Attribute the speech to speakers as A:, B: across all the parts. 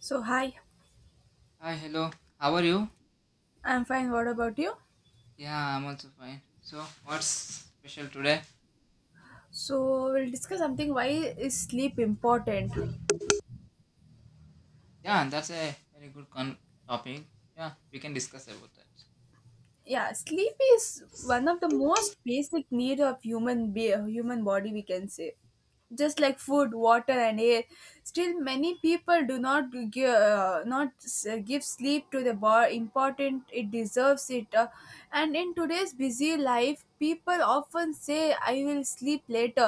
A: So, hi,
B: Hi, hello. How are you?
A: I'm fine. What about you?
B: Yeah, I'm also fine. So, what's special today?
A: So, we'll discuss something, why is sleep important?
B: Yeah, that's a very good topic. Yeah, we can discuss about that.
A: Yeah, sleep is one of the most basic need of human body, we can say. Just like food, water, and air. Still, many people do not give, not s- give sleep to the bar important it deserves it. And in today's busy life, people often say, "I will sleep later,"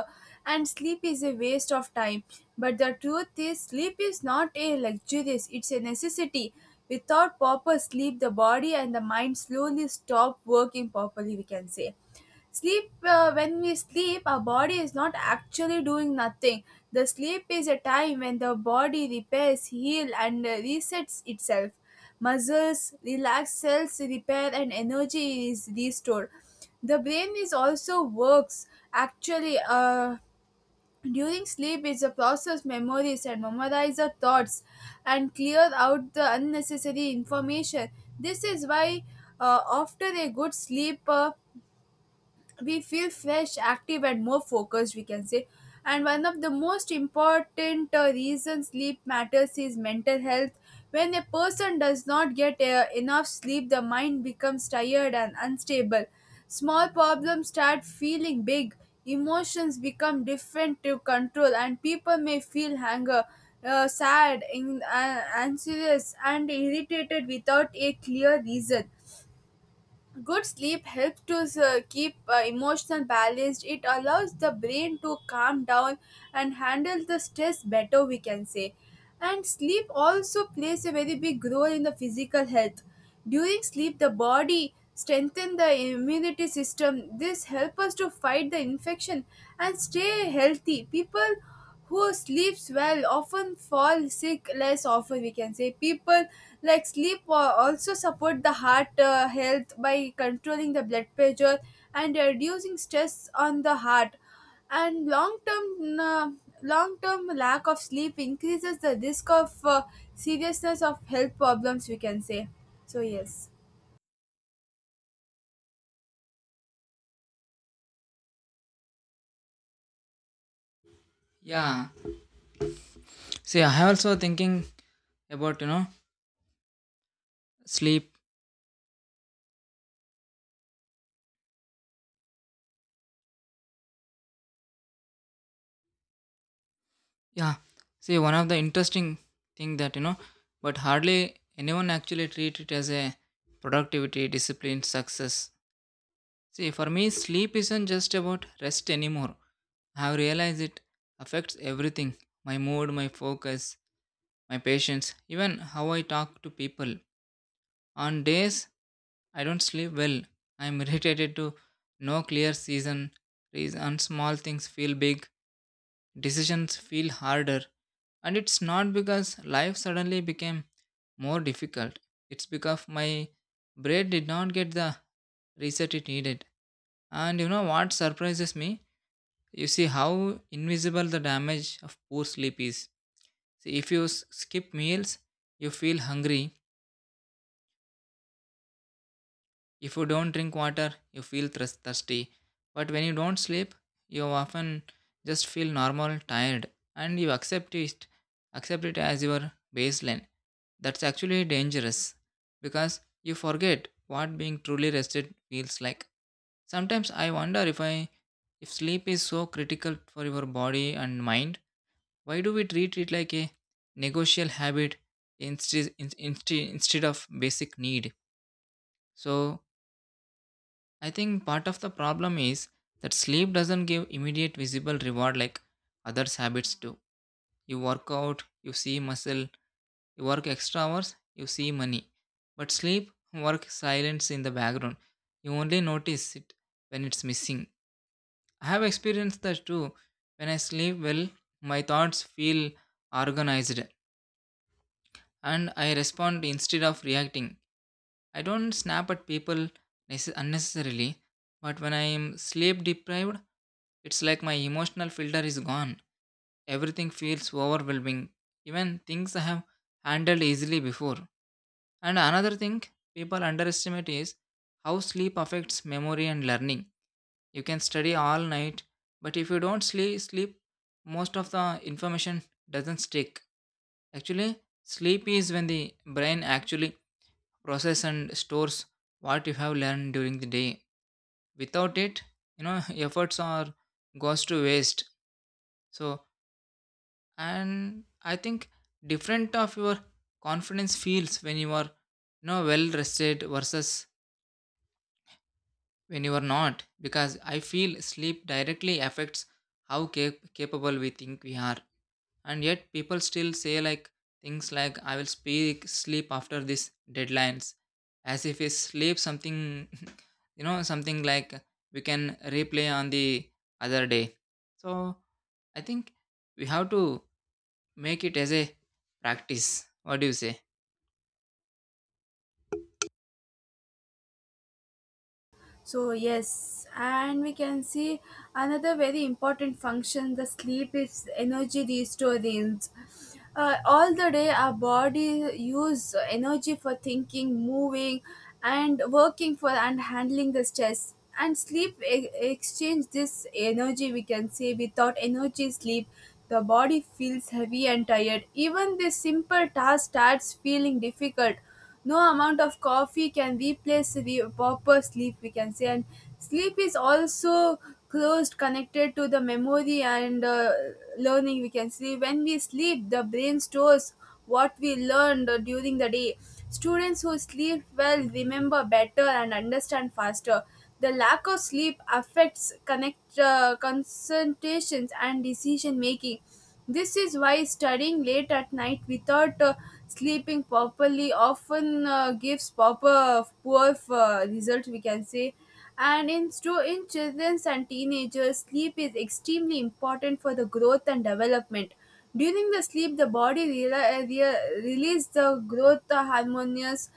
A: and sleep is a waste of time. But the truth is, sleep is not a luxury; it's a necessity. Without proper sleep, the body and the mind slowly stop working properly, we can say. When we sleep, our body is not actually doing nothing. The sleep is a time when the body repairs, heals, and resets itself. Muscles, relax, cells repair, and energy is restored. The brain is also works actually. During sleep, is a process memories and memorize the thoughts and clear out the unnecessary information. This is why, after a good sleep, we feel fresh, active, and more focused, we can say. And one of the most important reasons sleep matters is mental health. When a person does not get enough sleep, the mind becomes tired and unstable. Small problems start feeling big, emotions become different to control, and people may feel anger, sad, anxious, and irritated without a clear reason. Good sleep helps to keep emotional balanced. It allows the brain to calm down and handle the stress better, we can say. And sleep also plays a very big role in the physical health. During sleep, the body strengthens the immunity system. This helps us to fight the infection and stay healthy. People who sleeps well often fall sick less often, we can say. People like sleep also support the heart health by controlling the blood pressure and reducing stress on the heart. And long term lack of sleep increases the risk of seriousness of health problems, we can say. So yes.
B: Yeah. See, I have also thinking about sleep. Yeah. See, one of the interesting thing that but hardly anyone actually treat it as a productivity, discipline, success. See, for me, sleep isn't just about rest anymore. I have realized it affects everything: my mood, my focus, my patience, even how I talk to people. On days I don't sleep well, I am irritated to no clear reason. Small things feel big, decisions feel harder. And it's not because life suddenly became more difficult. It's because my brain did not get the reset it needed. And you know what surprises me? You see how invisible the damage of poor sleep is. See, if you skip meals, you feel hungry. If you don't drink water, you feel thirsty. But when you don't sleep, you often just feel normal, tired, and you accept it as your baseline. That's actually dangerous because you forget what being truly rested feels like. Sometimes I wonder if sleep is so critical for your body and mind. Why do we treat it like a negotiable habit instead instead of basic need? So I think part of the problem is that sleep doesn't give immediate visible reward like other habits do. You work out, you see muscle; you work extra hours, you see money. But sleep work silence in the background. You only notice it when it's missing. I have experienced that too. When I sleep well, my thoughts feel organized, and I respond instead of reacting. I don't snap at people unnecessarily, but when I am sleep deprived, it's like my emotional filter is gone. Everything feels overwhelming, even things I have handled easily before. And another thing people underestimate is how sleep affects memory and learning. You can study all night, but if you don't sleep, most of the information doesn't stick. Actually, sleep is when the brain actually process and stores what you have learned during the day. Without it, you know efforts are goes to waste. So, and I think different of your confidence feels when you are well rested versus when you are not, because I feel sleep directly affects how capable we think we are. And yet people still say like things like, I will speak sleep after this deadlines, as if is sleep something something like we can replay on the other day. So I think we have to make it as a practice. What do you say?
A: So yes, and we can see another very important function: the sleep is energy restoring. All the day, our body use energy for thinking, moving, and working for and handling the stress. And sleep exchange this energy, we can say. Without energy, sleep, the body feels heavy and tired. Even this simple task starts feeling difficult. No amount of coffee can replace the proper sleep, we can say. And sleep is also closed connected to the memory and learning, we can say. When we sleep, the brain stores what we learned during the day. Students who sleep well remember better and understand faster. The lack of sleep affects connect concentrations and decision making. This is why studying late at night without sleeping properly often gives proper poor result, we can say. And in children and teenagers, sleep is extremely important for the growth and development. During the sleep, the body releases the growth hormones.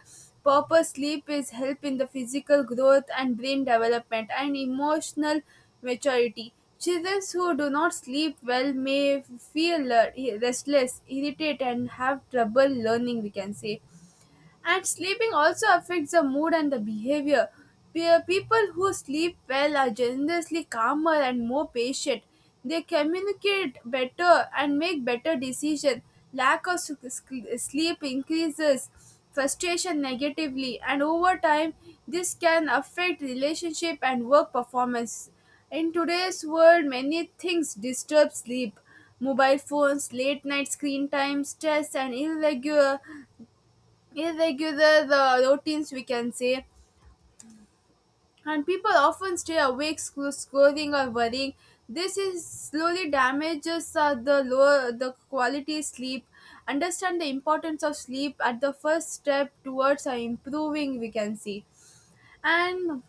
A: Proper sleep is help in the physical growth and brain development and emotional maturity. Children who do not sleep well may feel restless, irritated, and have trouble learning, we can say. And sleeping also affects the mood and the behavior. People who sleep well are generally calmer and more patient. They communicate better and make better decisions. Lack of sleep increases frustration negatively, and over time, this can affect relationship and work performance. In today's world, many things disturb sleep: mobile phones, late night screen time, stress, and irregular the routines, we can say. And people often stay awake scoring or worrying. This is slowly damages the lower the quality sleep. Understand the importance of sleep at the first step towards improving, we can see. And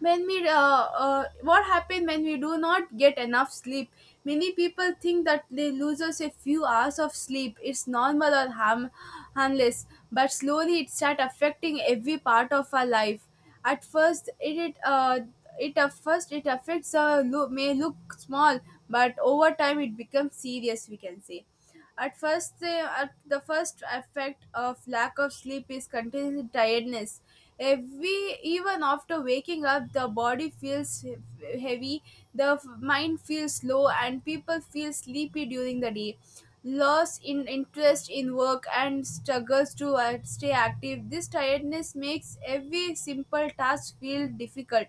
A: when we what happens when we do not get enough sleep, many people think that they loses a few hours of sleep it's normal or harmless, but slowly it start affecting every part of our life. At first it affects may look small, but over time it becomes serious, we can say. At first, the, at the first effect of lack of sleep is continuous tiredness. Even after waking up, the body feels heavy, the mind feels low, and people feel sleepy during the day. Loss in interest in work and struggles to stay active. This tiredness makes every simple task feel difficult.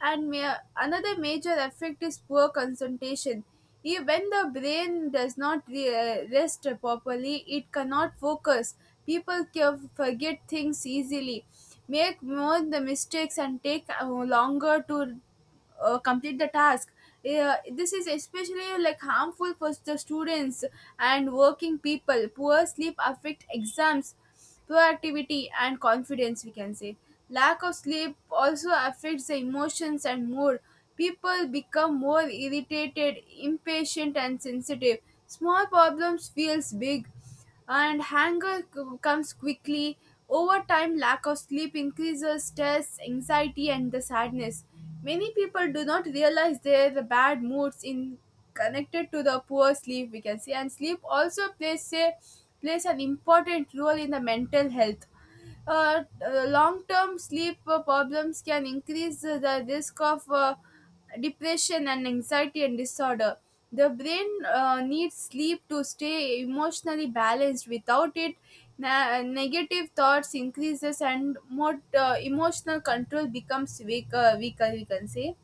A: And another major effect is poor concentration. When the brain does not rest properly, it cannot focus. People can forget things easily, make more the mistakes, and take longer to complete the task. This is especially like harmful for the students and working people. Poor sleep affect exams, proactivity, and confidence, we can say. Lack of sleep also affects the emotions and mood. People become more irritated, impatient, and sensitive. Small problems feels big, and anger comes quickly. Over time, lack of sleep increases stress, anxiety, and the sadness. Many people do not realize their bad moods in connected to the poor sleep, we can say. And sleep also plays an important role in the mental health. Uh, uh, long-term sleep problems can increase the risk of depression and anxiety and disorder. The brain needs sleep to stay emotionally balanced. Without it, negative thoughts increases and more emotional control becomes weaker, we can say.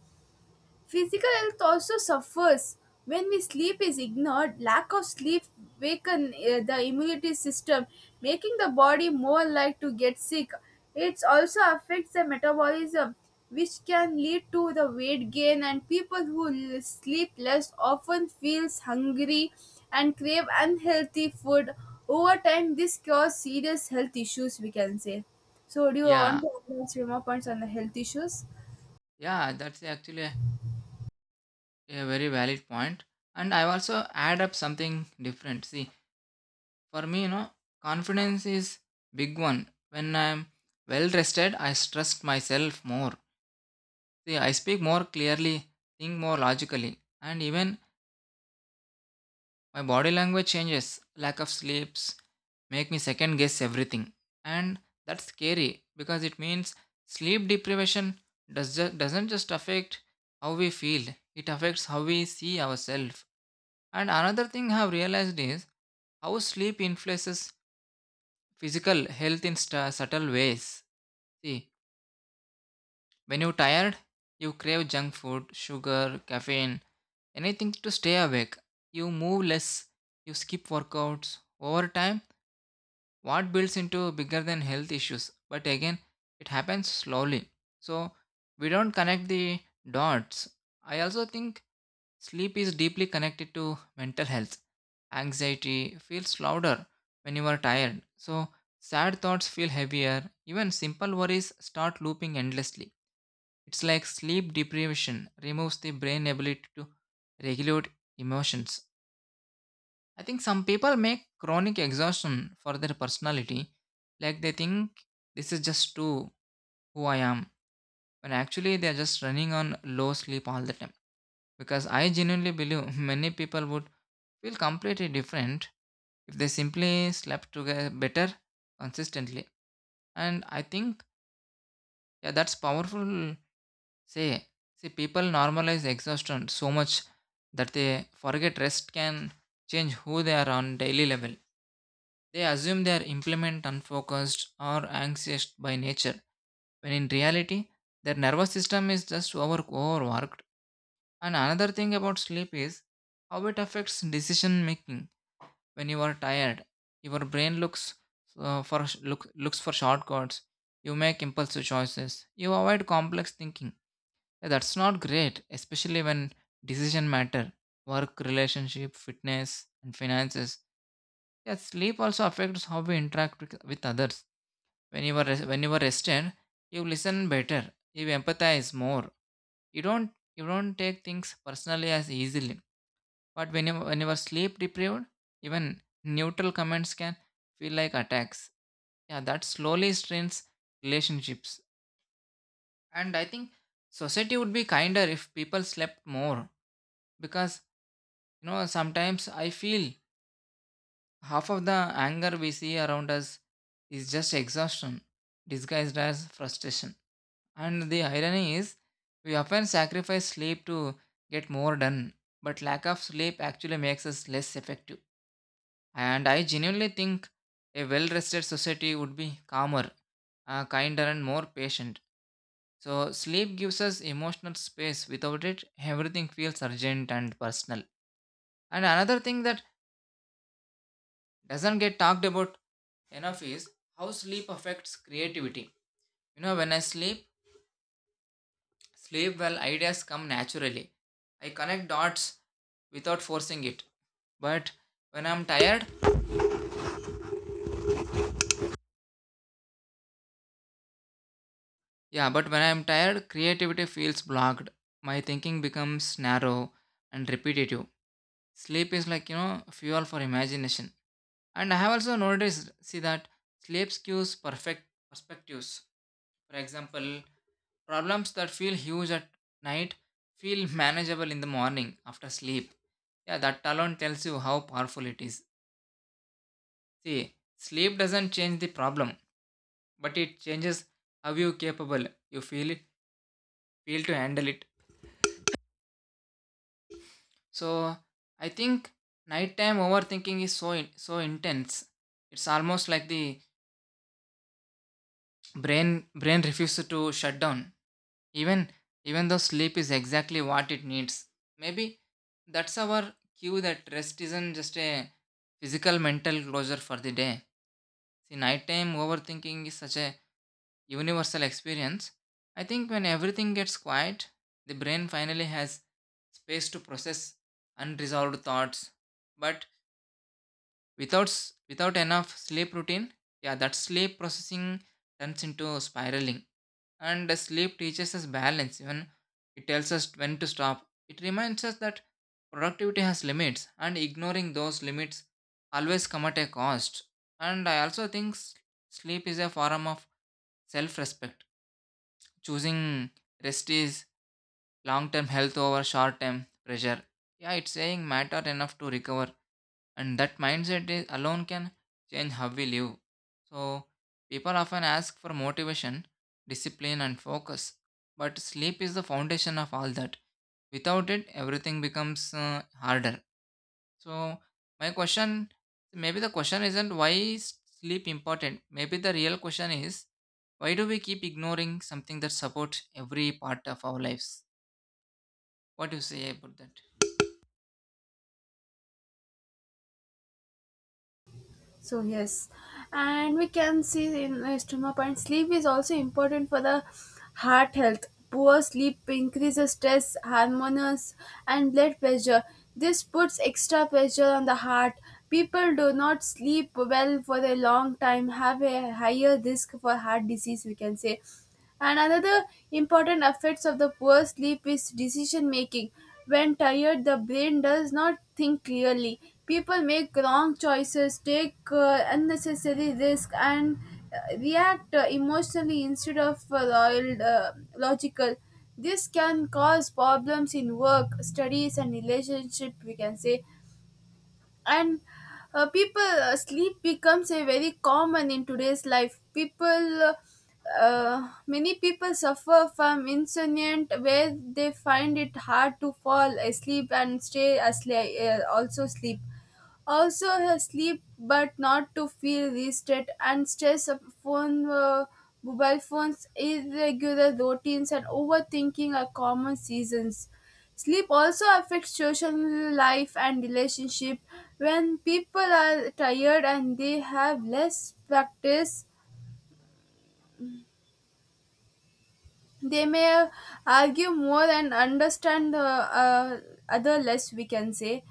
A: Physical health also suffers when we sleep is ignored. Lack of sleep weaken the immunity system, making the body more likely to get sick. It also affects the metabolism, which can lead to the weight gain. And people who sleep less often feels hungry and crave unhealthy food. Over time, this causes serious health issues, we can say. So, do you want
B: Yeah,
A: to add some more points on the health issues?
B: yeah, that's actually a very valid point, and I also add up something different. See, for me, confidence is big one. When I'm well rested, I trust myself more. See, I speak more clearly, think more logically, and even my body language changes. Lack of sleeps make me second guess everything, and that's scary because it means sleep deprivation doesn't just affect how we feel. It affects how we see ourselves. And another thing I have realized is how sleep influences physical health in subtle ways. See, when you're tired, you crave junk food, sugar, caffeine, anything to stay awake. You move less, you skip workouts. Over time, what builds into bigger than health issues. But again, it happens slowly. So we don't connect the dots. I also think sleep is deeply connected to mental health. Anxiety feels louder when you are tired, so sad thoughts feel heavier. Even simple worries start looping endlessly. It's like sleep deprivation removes the brain ability to regulate emotions. I think some people make chronic exhaustion for their personality, like they think this is just too who I am, when actually they are just running on low sleep all the time. Because I genuinely believe many people would feel completely different if they simply slept together better consistently. And I think yeah, that's powerful. Say, see, people normalize exhaustion so much that they forget rest can change who they are on daily level. They assume they are implement unfocused or anxious by nature, when in reality their nervous system is just overworked. And another thing about sleep is how it affects decision making. When you are tired, your brain looks for shortcuts. You make impulsive choices, you avoid complex thinking. Yeah, that's not great, especially when decision matter: work, relationship, fitness, and finances. Yeah, sleep also affects how we interact with others. When you are rested, you listen better, you empathize more, you don't you don't take things personally as easily. But when you are sleep deprived, even neutral comments can feel like attacks. Yeah, that slowly strains relationships. And I think society would be kinder if people slept more. Because, sometimes I feel half of the anger we see around us is just exhaustion disguised as frustration. And the irony is, we often sacrifice sleep to get more done, but lack of sleep actually makes us less effective. And I genuinely think a well rested society would be calmer, kinder, and more patient. So, sleep gives us emotional space. Without it, everything feels urgent and personal. And another thing that doesn't get talked about enough is how sleep affects creativity. You know, when I sleep well, ideas come naturally. I connect dots without forcing it. But when I'm tired, Yeah, but when I'm tired, creativity feels blocked. My thinking becomes narrow and repetitive. Sleep is like, fuel for imagination. And I have also noticed, see, that sleep skews perfect perspectives. For example, problems that feel huge at night feel manageable in the morning after sleep. Yeah, that alone tells you how powerful it is. See, sleep doesn't change the problem, but it changes how you capable you feel to handle it. So I think nighttime overthinking is so intense. It's almost like the brain refuses to shut down. Even even though sleep is exactly what it needs. Maybe that's our cue that rest isn't just a physical mental closure for the day. See, nighttime overthinking is such a universal experience. I think when everything gets quiet, the brain finally has space to process unresolved thoughts. But without enough sleep routine, yeah, that sleep processing turns into spiraling. And sleep teaches us balance. Even it tells us when to stop. It reminds us that productivity has limits, and ignoring those limits always come at a cost. And I also think sleep is a form of self-respect. Choosing rest is long-term health over short-term pressure. Yeah, it's saying matter enough to recover, and that mindset is, alone can change how we live. So people often ask for motivation, discipline, and focus, but sleep is the foundation of all that. Without it, everything becomes harder. So my question, maybe the question isn't, why is sleep important? Maybe the real question is, why do we keep ignoring something that supports every part of our lives? What do you say about that?
A: So yes, and we can see in stomach, and sleep is also important for the heart health. Poor sleep increases stress hormones and blood pressure. This puts extra pressure on the heart. People do not sleep well for a long time have a higher risk for heart disease, we can say. And another important effects of the poor sleep is decision making. When tired, the brain does not think clearly. People make wrong choices, take unnecessary risks, and react emotionally instead of logical. This can cause problems in work, studies, and relationship, we can say. And people sleep becomes a very common in today's life. People uh, uh, many people suffer from insomnia where they find it hard to fall asleep and stay asleep, also, sleep, but not to feel rested, and stress of mobile phones, irregular routines, and overthinking are common seasons. Sleep also affects social life and relationship. When people are tired and they have less practice, they may argue more and understand other less, we can say.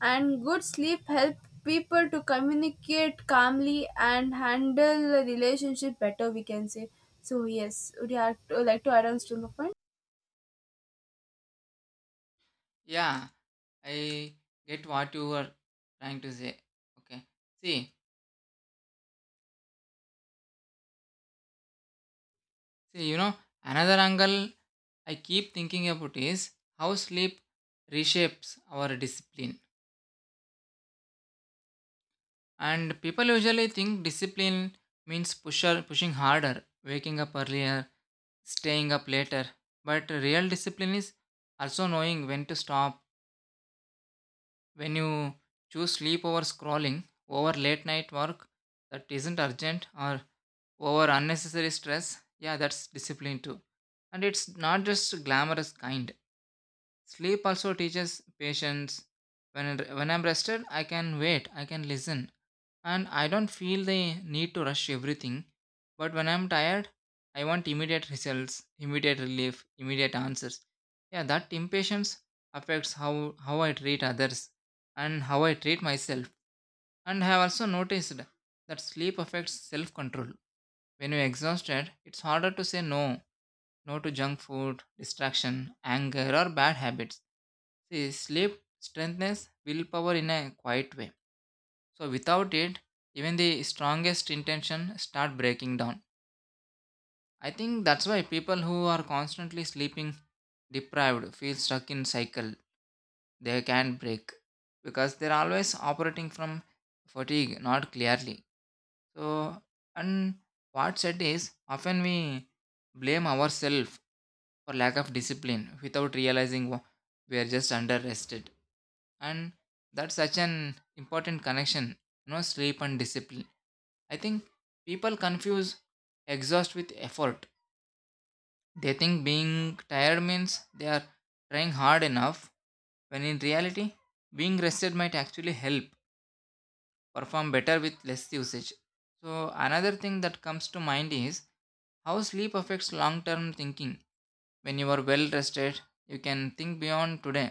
A: And good sleep help people to communicate calmly and handle a relationship better, we can say. So yes, would you like to add on to the point?
B: Yeah, I get what you were trying to say. Okay. See, see, you know, another angle I keep thinking about is how sleep reshapes our discipline. And people usually think discipline means pushing harder, waking up earlier, staying up later. But real discipline is also knowing when to stop, when you choose sleep over scrolling, over late night work that isn't urgent, or over unnecessary stress. Yeah, that's discipline too. And it's not just glamorous kind. Sleep also teaches patience. When I'm rested, I can wait, I can listen, and I don't feel the need to rush everything. But when I'm tired, I want immediate results, immediate relief, immediate answers. Yeah, that impatience affects how I treat others and how I treat myself. And I have also noticed that sleep affects self control. When you're exhausted, it's harder to say no. No to junk food, distraction, anger, or bad habits. See, sleep strengthens willpower in a quiet way. So without it, even the strongest intention start breaking down. I think that's why people who are constantly sleeping deprived feel stuck in cycle they can't break, because they're always operating from fatigue, not clearly. So, and what's said is often we blame ourselves for lack of discipline without realizing we are just under rested. And that's such an important connection, sleep and discipline. I think people confuse exhaust with effort. They think being tired means they are trying hard enough, when in reality, being rested might actually help perform better with less usage. So, another thing that comes to mind is how sleep affects long term thinking. When you are well rested, you can think beyond today.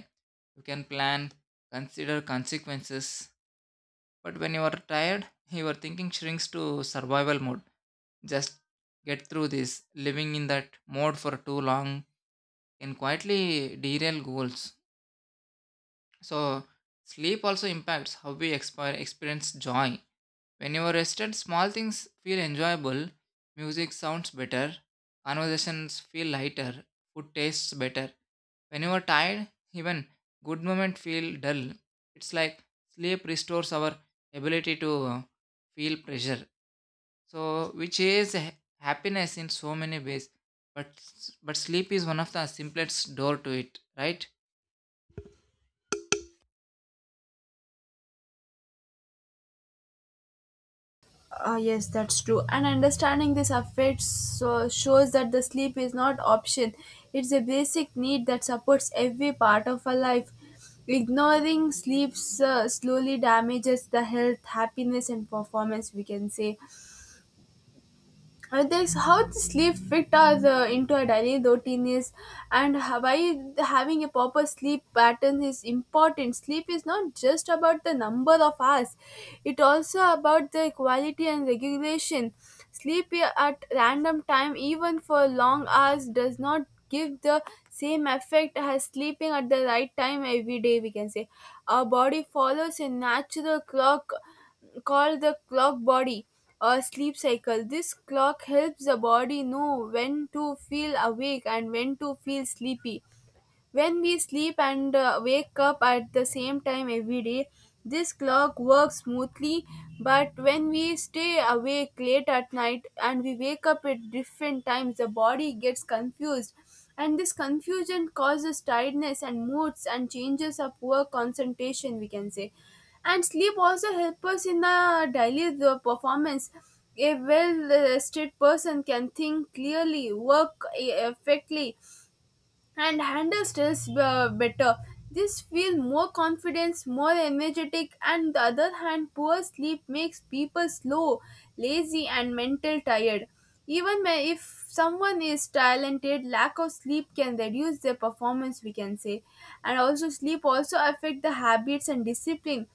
B: You can plan, consider consequences. But when you are tired, your thinking shrinks to survival mode. Just get through this. Living in that mode for too long can quietly derail goals. So, sleep also impacts how we experience joy. When you are rested, small things feel enjoyable, music sounds better, conversations feel lighter, food tastes better. When you are tired, even good moments feel dull. It's like sleep restores our ability to feel pressure. So, which is happiness in so many ways. But sleep is one of the simplest door to it, right?
A: Yes, that's true. And understanding this affects so shows that the sleep is not option. It's a basic need that supports every part of our life. Ignoring sleep slowly damages the health, happiness, and performance, we can say. There's how to sleep fit us into a daily routine is, and why having a proper sleep pattern is important. Sleep is not just about the number of hours, it also about the quality and regulation. Sleep at random time even for long hours does not give the same effect as sleeping at the right time every day, we can say. Our body follows a natural clock called the clock body or sleep cycle. This clock helps the body know when to feel awake and when to feel sleepy. When we sleep and wake up at the same time every day, this clock works smoothly, but when we stay awake late at night and we wake up at different times, the body gets confused. And this confusion causes tiredness and moods and changes of poor concentration, we can say. And sleep also helps us in the daily the performance. A well rested person can think clearly, work effectively, and handle stress better. This feel more confidence, more energetic, and the other hand, poor sleep makes people slow, lazy, and mental tired. Even if someone is talented, lack of sleep can reduce their performance, we can say. And also sleep also affect the habits and discipline.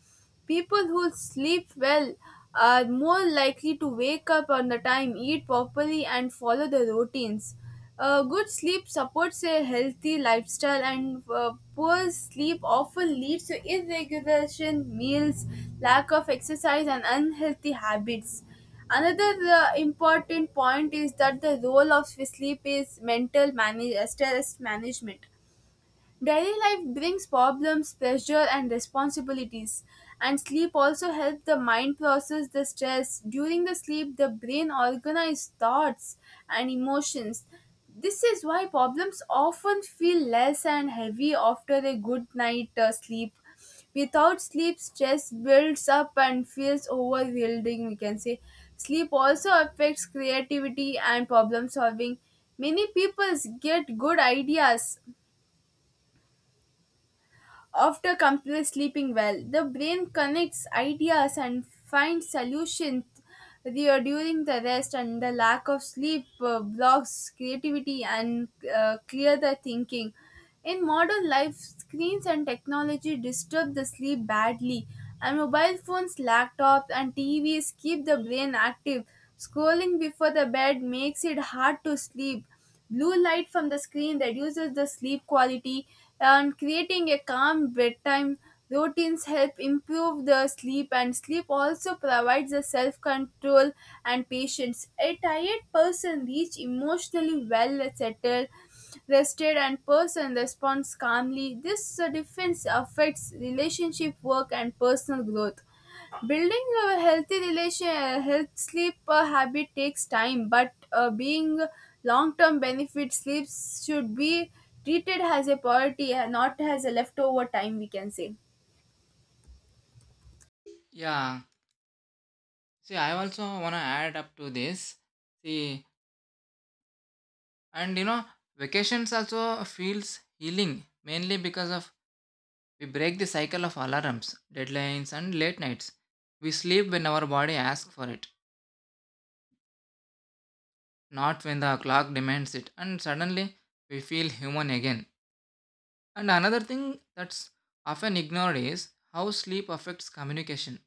A: People who sleep well are more likely to wake up on the time, eat properly, and follow the routines. Good sleep supports a healthy lifestyle, and poor sleep often leads to irregular meals, lack of exercise, and unhealthy habits. Another important point is that the role of sleep is stress management. Daily life brings problems, pressure, and responsibilities, and sleep also helps the mind process the stress. During the sleep, the brain organizes thoughts and emotions. This is why problems often feel less and heavy after a good night sleep. Without sleep, stress builds up and feels overwhelming, we can say. Sleep also affects creativity and problem solving. Many people get good ideas after complete sleeping well, the brain connects ideas and finds solutions there during the rest, and the lack of sleep blocks creativity and clear the thinking. In modern life, screens and technology disturb the sleep badly, and mobile phones, laptops, and TVs keep the brain active. Scrolling before the bed makes it hard to sleep. Blue light from the screen reduces the sleep quality, and creating a calm bedtime routines help improve the sleep. And sleep also provides the self-control and patience. A tired person reach emotionally well settled rested, and person responds calmly. This difference affects relationship, work, and personal growth. Building a healthy health sleep habit takes time, but being long-term benefit, sleeps should be treated as a priority, and not as a leftover time, we can say.
B: Yeah. See, I also wanna add up to this. See, and vacations also feels healing, mainly because of we break the cycle of alarms, deadlines, and late nights. We sleep when our body asks for it, not when the clock demands it, and suddenly we feel human again. And another thing that's often ignored is how sleep affects communication.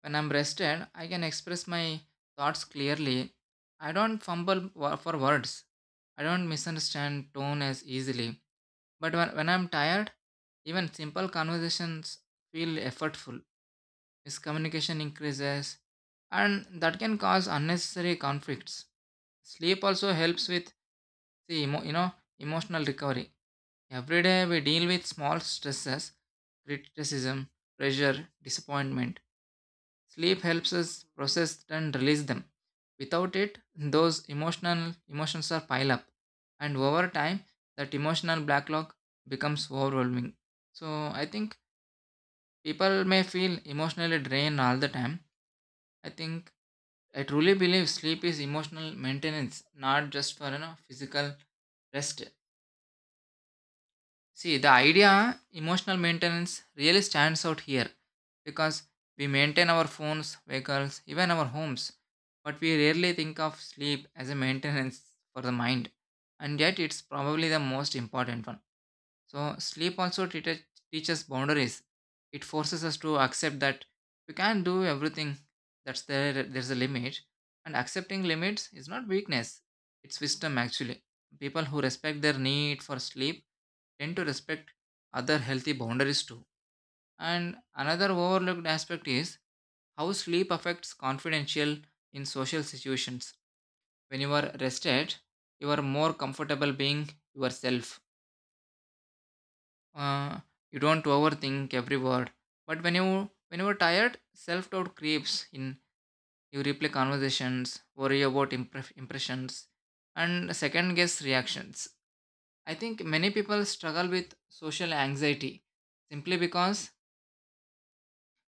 B: When I'm rested, I can express my thoughts clearly. I don't fumble for words. I don't misunderstand tone as easily. But when I'm tired, even simple conversations feel effortful. Miscommunication increases, and that can cause unnecessary conflicts. Sleep also helps with the emotional recovery. Every day we deal with small stresses, criticism, pressure, disappointment. Sleep helps us process and release them. Without it, those emotional emotions are pile up, and over time, that emotional backlog becomes overwhelming. So I think people may feel emotionally drained all the time. I think I truly believe sleep is emotional maintenance, not just for physical rest. See, the idea emotional maintenance really stands out here, because we maintain our phones, vehicles, even our homes, but we rarely think of sleep as a maintenance for the mind, and yet it's probably the most important one. So sleep also teaches boundaries. It forces us to accept that we can't do everything. That's there. There's a limit, and accepting limits is not weakness. It's wisdom actually. People who respect their need for sleep tend to respect other healthy boundaries too. And another overlooked aspect is how sleep affects confidential in social situations. When you are rested, you are more comfortable being yourself. uh, you don't overthink every word. But when you're tired, self-doubt creeps in. You replay conversations, worry about impressions, and second guess reactions. I think many people struggle with social anxiety simply because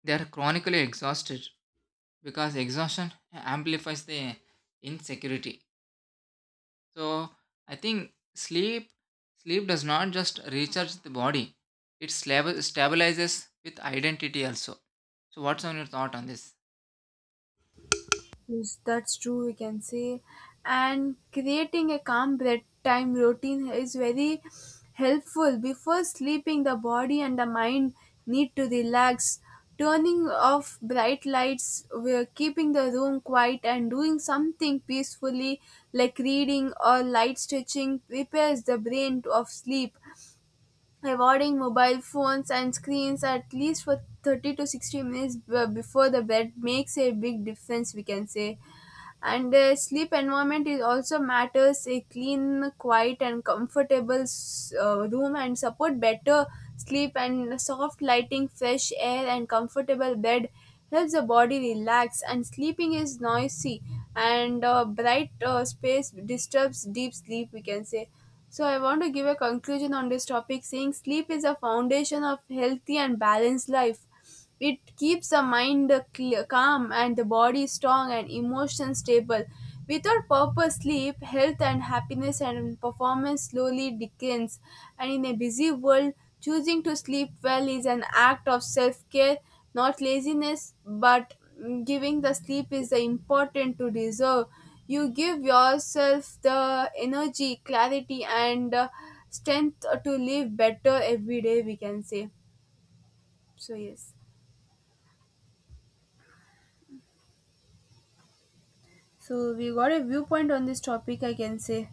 B: they are chronically exhausted, because exhaustion amplifies the insecurity. So I think sleep does not just recharge the body; it stabilizes with identity also. So what's on your thought on this?
A: Yes, that's true, we can say. And creating a calm bedtime routine is very helpful. Before sleeping, the body and the mind need to relax. Turning off bright lights, we're keeping the room quiet, and doing something peacefully like reading or light stretching prepares the brain of sleep. Avoiding mobile phones and screens at least for 30 to 60 minutes before the bed makes a big difference, we can say. And the sleep environment is also matters a clean, quiet, and comfortable room and support better sleep. And soft lighting, fresh air, and comfortable bed helps the body relax, and sleeping is noisy and bright space disturbs deep sleep, we can say. So I want to give a conclusion on this topic, saying sleep is a foundation of healthy and balanced life. It keeps the mind calm and the body strong and emotions stable. Without proper sleep, health and happiness and performance slowly declines. And in a busy world, choosing to sleep well is an act of self care, not laziness, but giving the sleep is the important to deserve. You give yourself the energy, clarity, and strength to live better every day, we can say. So, yes. So we got a viewpoint on this topic, I can say.